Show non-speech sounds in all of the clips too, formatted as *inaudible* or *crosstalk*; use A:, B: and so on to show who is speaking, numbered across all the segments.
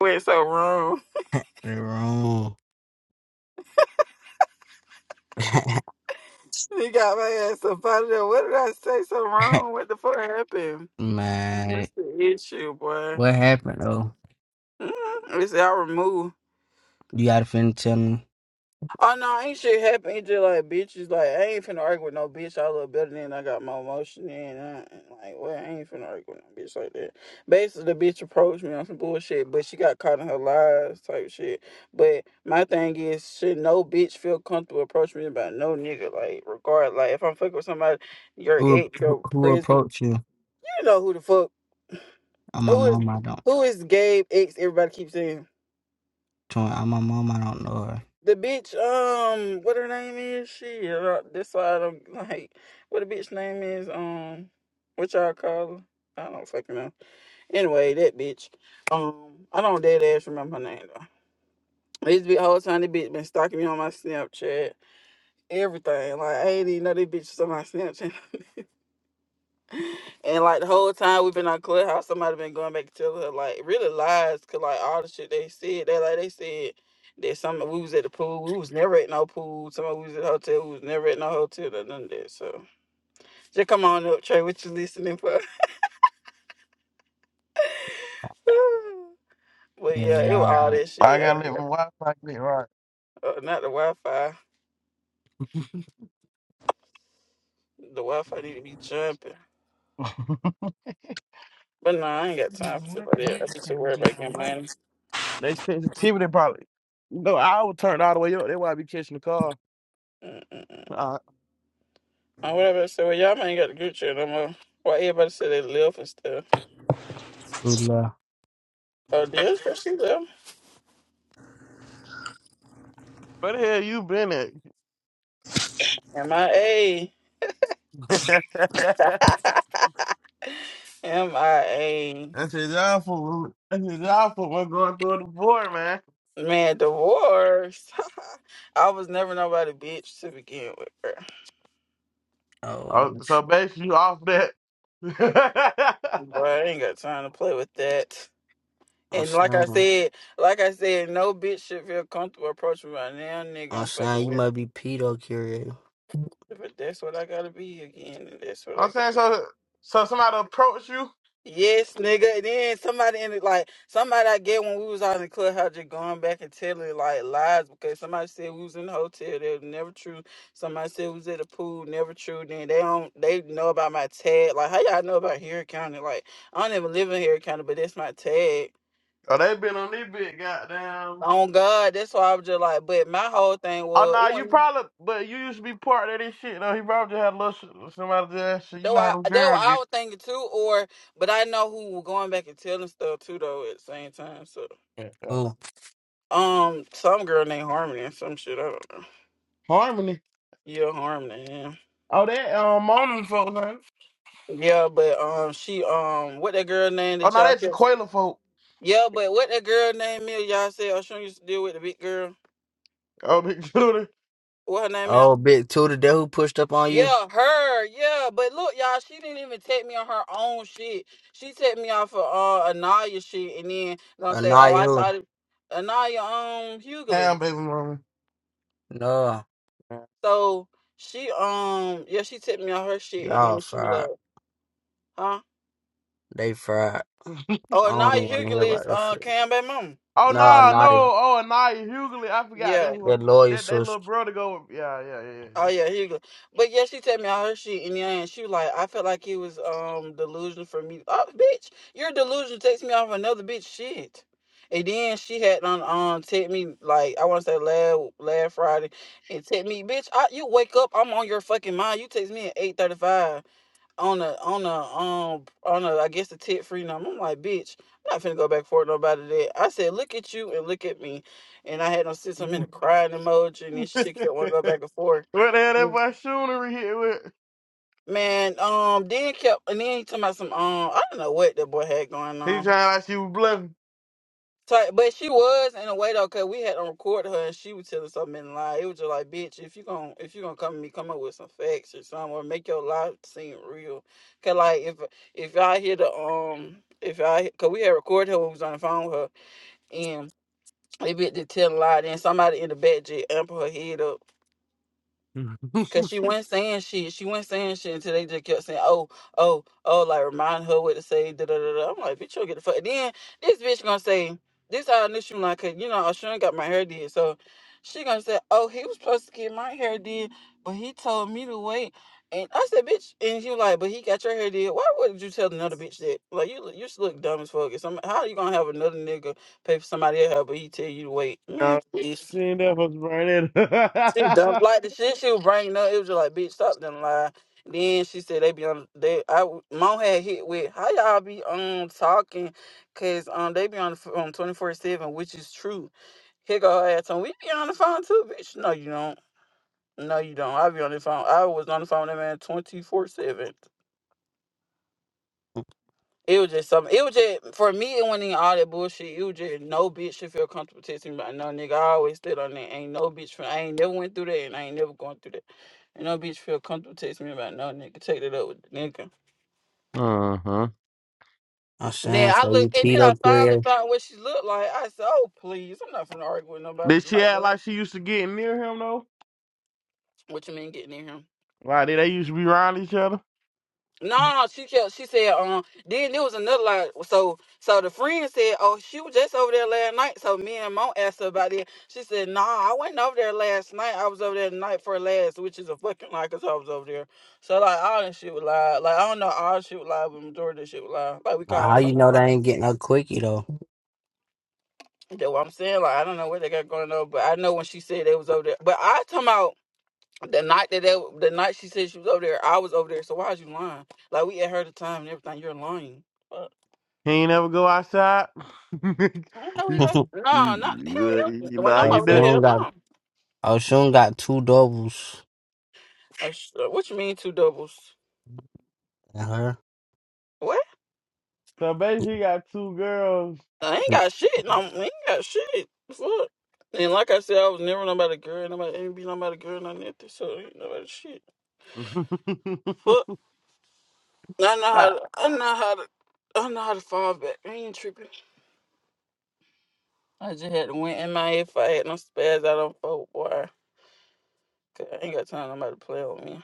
A: went so wrong.
B: They wrong. *laughs*
A: He got my ass up out of there. What did I say so wrong? What the fuck happened?
B: Man,
A: What's the issue, boy?
B: what happened though?
A: Mm, It's our move.
B: You gotta finna tell me
A: Oh no, ain't shit happen. It's just like bitches. Like I ain't finna argue with no bitch. I look better than I got my emotion in. I, like well, I ain't finna argue with no bitch like that. Basically, the bitch approached me on some bullshit, but she got caught in her lies type shit. But my thing is, should no bitch feel comfortable approaching me about no nigga? Like regard, like if I'm fucking with somebody, your
B: who
A: ex,
B: who
A: your
B: who
A: present,
B: approached you.
A: you know who the fuck,
B: I'm my
A: who is
B: mom. I don't.
A: who is Gabe ex? Everybody keeps saying.
B: Tw- I'm my mom. I don't know her.
A: The bitch, um, what her name is? She, uh, this why I don't *laughs* like what the bitch name is. Um, what y'all call her? I don't fucking know. Anyway, that bitch. Um, I don't dead ass remember her name though. This bitch whole time, this bitch been stalking me on my Snapchat, everything. Like I ain't even know this bitch was on my Snapchat. *laughs* And like the whole time we've been on Clubhouse, somebody been going back and telling her like really lies, cause like all the shit they said, they like they said that some we was at the pool, we was never at no pool, some of we was at the hotel, we was never at no hotel, or none of that. So just come on up, Trey, what you listening for? *laughs* but
B: Yeah,
A: yeah, it was
B: yeah.
A: all that
C: I
A: shit. I
C: gotta let my
A: got
C: wife like that, right?
A: uh, not the Wi Fi. The Wi Fi need to be jumping.
C: *laughs*
A: But no, I ain't got time for shit like that. I be too worried about getting money.
C: They sensitivity probably. You know, I would turn all the way up. That's why I be catching the car.
A: Mm-mm-mm.
C: Uh,
A: And whatever I said, well, y'all ain't got the group chat no more. Why everybody said they left and stuff.
B: Who left?
A: Oh, there's that there.
C: where the hell you been
A: MIA.
C: at? *laughs* That's
A: MIA.
C: his awful. That's his awful. We're going through the board, man.
A: Man, divorce. *laughs* I was never nobody bitch to begin with, bro.
B: Oh,
C: Oh,
B: I'm
C: so basically, you off that. *laughs*
A: Boy, I ain't got time to play with that.
B: oh,
A: And like I
B: I'm
A: said, like I said, no bitch should feel comfortable approaching me right now, nigga. I'm fucking
B: son, you
A: with.
B: might be pedo curious.
A: But that's what I gotta be again, and that's what
C: I'm
A: I gotta
C: saying, so so somebody approached you?
A: Yes, nigga. And then somebody in it, like somebody I get when we was out in the clubhouse, just going back and telling like lies because somebody said we was in the hotel, that was never true. Somebody said we was at the pool, never true. Then they don't, they know about my tag. Like how y'all know about Harry County? Like I don't even live in Harry County, but that's my tag.
C: Oh, they been on this big goddamn.
A: Oh God, that's why I was just like. But my whole thing
C: Oh,
A: was it
C: no, you
A: wasn't.
C: probably, but you used to be part of this shit, though. He probably just had a little, sh- somebody just, you
A: Though
C: know how
A: I,
C: the
A: though
C: girl
A: I was thinking too, or but I know who were going back and telling stuff too, though at the same time. So
C: get.
B: Who?
A: Um, some girl named Harmony or some shit. I don't know.
C: Harmony.
A: Yeah, Harmony. Yeah,
C: Oh, that um, Mona folk, huh?
A: Yeah, but um, she um, what that girl name
C: Oh,
A: that
C: no,
A: y'all
C: that's
A: kept?
C: Jaquela folk.
A: Yeah, but what that girl name is? Y'all said Oshun used to deal with the big girl.
C: Oh, *laughs* big shooter.
A: What her name is?
B: Oh, big two today. Who pushed up on you?
A: Yeah, her. Yeah, but look, y'all, she didn't even take me on her own shit. She take me off of uh Anaya shit, and then gonna say, oh,
B: Anaya
A: I
B: who?
A: thought it, Anaya um Hughley.
C: Damn, baby mama.
B: No,
C: Yeah.
A: So she um, yeah, she took me on her shit, and
B: y'all
A: then she was
B: fried.
A: like, huh?
B: They fried.
A: Oh,
B: I
A: now
B: don't even wanna hear
A: Hughley's
B: about that
A: uh
B: shit.
A: Cam baby mama.
C: Oh,
B: No,
C: nah, no.
B: Anaya.
C: Oh, Anaya Hughley. I forgot
A: Yeah.
C: that one.
B: That lawyer
C: That, that
B: sister.
C: little brother go with. Yeah, yeah,
A: Oh yeah, Hughley. But yeah, she told me I heard she and yeah, and she was like, I felt like he was um delusion for me. Oh, bitch, your delusion takes me off another bitch shit. And then she had on um take me like I want to say last last Friday and take me, bitch. I, you wake up, I'm on your fucking mind. You text me at eight thirty five. on a on a um on a I guess a tit free number. I'm like, bitch, I'm not finna go back for it nobody that. I said, look at you and look at me, and I had them sit some
C: yeah.
A: in
C: yeah.
A: a crying emoji, and then she took that one go
C: *laughs*
A: back and forth.
C: what the hell that
A: Mm.
C: boy Shoonery hit with?
A: Man, um, then kept and then he talking about some um I don't know what that boy had going
C: He
A: on.
C: trying like she was bluffing.
A: So, but she was in a way though, cause we had to record her and she was telling something in lie. It was just like, bitch, if you gon' if you gonna come at me, come up with some facts or something, or make your life seem real. Cause like if if y'all hear the um if I cause we had recorded her when we was on the phone with her and they bit to tell a lie, then somebody in the back just amp her head up Cause
C: *laughs*
A: she wasn't saying shit. She wasn't saying shit until they just kept saying, "Oh, oh, oh," like remind her what to say. Da da da. da. I'm like, bitch, you get the fuck. Then this bitch gonna say, "This how I knew she was like, cause you know, Ashun got my hair did." So she gonna say, "Oh, he was supposed to get my hair did, but he told me to wait." And I said, "Bitch," and she was like, "But he got your hair did. Why would not you tell another bitch that? Like, you look- you just look dumb as fuck. If some- how you gonna have another nigga pay for somebody else, but he tell you to wait,
C: uh,
A: man? Please."
C: she ain't that supposed to bring
A: She dumb.
C: that
A: Like the shit she was bringing up, it was just like, bitch, stop them lie. Then she said they be on they I mom had hit with how y'all be um talking, cause um they be on the ph- um twenty four seven, which is true. Here go her ass on. We be on the phone too, bitch. No, you don't. No, you don't. I be on the phone. I was on the phone with that man twenty four seven. It was just something. It was just for me. It wasn't even all that bullshit. It was just no bitch should feel comfortable texting me about no nigga. I always stood on that. Ain't no bitch. From, I ain't never went through that, and I ain't never going through that. And no bitch feel comfortable texting me about no nigga. Take that up with the nigga.
C: *laughs* Uh huh.
B: I'm
A: And then
B: saying,
A: I
B: so you
A: look, and then I
B: keto
A: finally
B: carrier.
A: found what she looked like. I said, "Oh please, I'm not finna argue with nobody
C: Did she
A: like
C: act
A: that."
C: like she used to get near him, though?
A: What you mean getting in here?
C: Like, did they used to be around each other?
A: No, no, she kept. She said, um. Then there was another like, so so the friend said, oh, she was just over there last night. So me and mom asked her about it. She said, nah, I wasn't over there last night. I was over there the night for last, which is a fucking lie, cause I was over there. So like all this shit was lie. Like I don't know all this shit was lie, but majority of this shit was lie. Like we call it
B: How you
A: something
B: know they
A: lie.
B: ain't getting no quickie though?
A: That's what I'm saying. Like I don't know what they got going on, but I know when she said they was over there. But I talking about the night that they, the night she said she was over there, I was over there. So why is you lying? Like we had her the time and everything. You're lying. Fuck.
C: He ain't ever go outside. *laughs*
A: I don't know
B: *laughs*
A: he got no, not hell no. When
C: Nah,
A: I'm
C: you
A: over
C: did.
A: there,
B: Oshun
A: hell
B: got
A: no.
B: Oshun got two doubles
A: A sh- uh, What you mean two doubles?
B: in her.
A: What?
C: So basically, he got two girls.
A: I ain't got shit. No, I ain't got shit. Fuck. And like I said, I was never nobody girl. Nobody ain't be nobody girl. None of that. So ain't nobody shit.
C: *laughs*
A: Fuck. I know how. To, I know how to. I know how to fall back. I ain't tripping. I just had to win in my head. if I had no spaz out on folk, boy. 'Cause I ain't got time for nobody to play with me.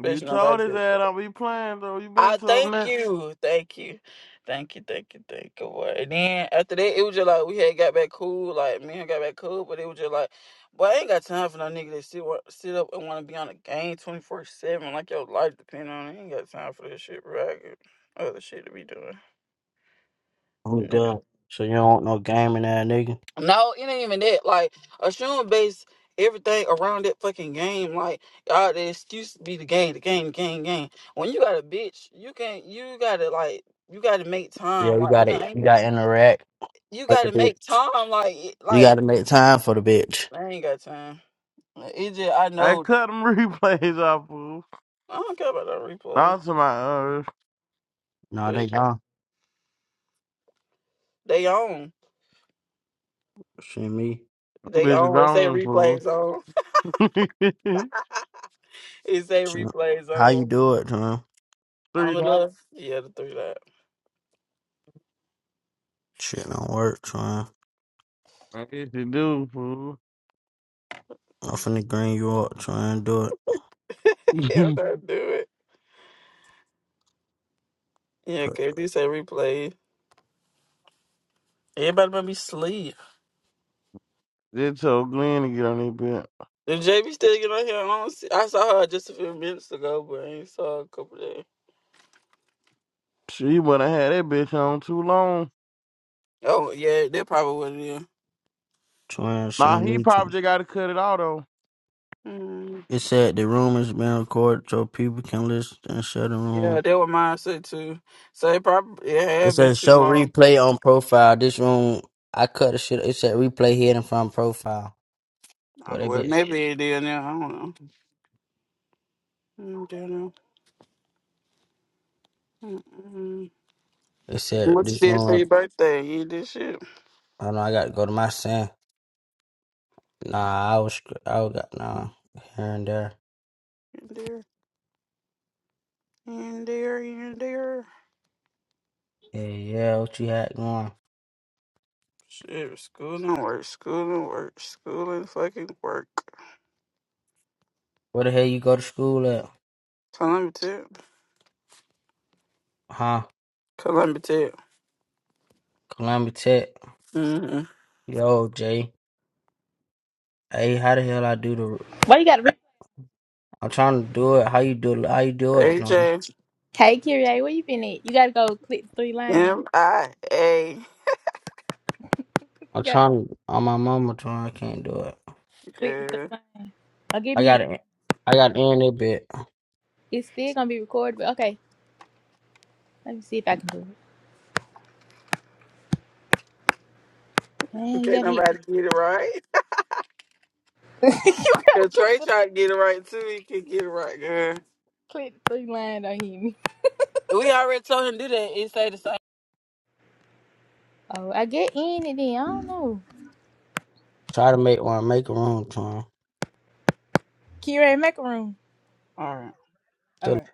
C: you told his
A: nobody.
C: ass don't be playing though. You been
A: I
C: to him
A: thank
C: that.
A: you, thank you, thank you, thank you, thank you. Boy. And then after that, it was just like we had got back cool, like me and her got back cool, but it was just like, boy, I ain't got time for no nigga that sit wa- sit up and want to be on the game twenty four seven, like your life depend on it. I ain't got time for this shit, bro. I got other shit to be doing.
B: I'm good. So you don't want no game in there, nigga.
A: No, it ain't even that. Like Assume based everything around that fucking game. Like y'all, the excuse be the game, the game, the game, game. When you got a bitch, you can't. You gotta like. You gotta make
B: Yeah,
A: time.
B: you
A: Like you
B: got
A: know,
B: it. You
A: ain't-
B: got to interact
A: you
B: with the
A: gotta
B: bitch.
A: make time. Like it-
B: You got
A: like
B: to make time for the bitch.
A: I ain't got time. Like, It just I
C: I
A: know
C: cut them *laughs* replays off, fool.
A: I don't care about that replay,
C: Not to my earth.
B: No, they
A: but yeah,
B: don't.
A: they on.
B: Shit, me.
A: They
C: Bitch is
A: on. It say
C: gone, fool.
A: replays on.
C: *laughs*
A: It say
B: Shit.
A: replays
B: How you
A: on.
B: do it, Twan?
A: On
C: Three
A: the
C: dots.
A: left. Yeah, the three that.
B: Shit don't work, Twan.
C: I guess you do, fool.
B: I'm finna green you up, Twan. Do it,
A: *laughs* Yeah,
C: *laughs*
A: I do it. Yeah,
B: Tw-
A: okay. They say replay. Everybody made me sleep.
C: They told Glenn to get on that bitch.
A: And JB still get on here. I, don't see, I saw her just a few minutes ago, but I ain't saw her a couple days.
C: She wouldn't have had that bitch on too long.
A: Oh yeah, that probably what it is.
B: Twan.
C: Nah,
B: send
C: he
B: me, Twan.
C: probably just got to cut it out,
A: Mm,
B: It said the room is being recorded so people can listen and share the
A: yeah,
B: room.
A: that was mine said too. So it probably it
B: It
A: had been
B: says
A: too
B: show
A: long.
B: replay on profile. This room, I cut the shit. It said replay hidden from profile.
A: Uh,
B: What that
A: Well,
B: bitch?
A: maybe it did now. I don't know. Mm, don't know. Mm-mm.
B: It said
A: What you
B: this
A: did for
B: room.
A: your birthday? You did shit.
B: I know I got to go to my sand. Nah, I was, sc- I was got nah here and there.
A: You did. You did. You did.
B: Yeah, yeah. What you had going?
A: Shit, school and work, school and work, school and fucking work.
B: Where the hell you go to school at?
A: Columbia Tech.
B: Huh?
A: Columbia Tech.
B: Columbia Tech.
A: Mm-hmm.
B: Yo, Jay. Hey, how the hell I do the?
D: Why you gotta re-
B: I'm trying to do it. How you do? How you do it?
A: A
B: No,
A: J
D: Hey Kyrie, where you been at? You gotta go click the three lines.
A: M I A, M I
D: You
B: I'm
D: gotta
B: trying on my mama trying, I can't do it.
A: A.
D: click the three
A: Girl.
D: lines. Or give
B: I
D: me
B: gotta I gotta end it bit.
D: it's still gonna be recorded, but okay. Let me see if I can do it. Damn, you
A: Can't
D: gotta hit
A: nobody get it right. If
D: *laughs* click
A: Trey
D: the
A: tried to get it right too, he can get it right, girl.
D: click the three line, don't hit me.
A: We already told him to do that. It say the same.
D: Oh, I get in and then I don't know.
B: Try to make one make a room trying.
D: Kyrie, make a room. All right.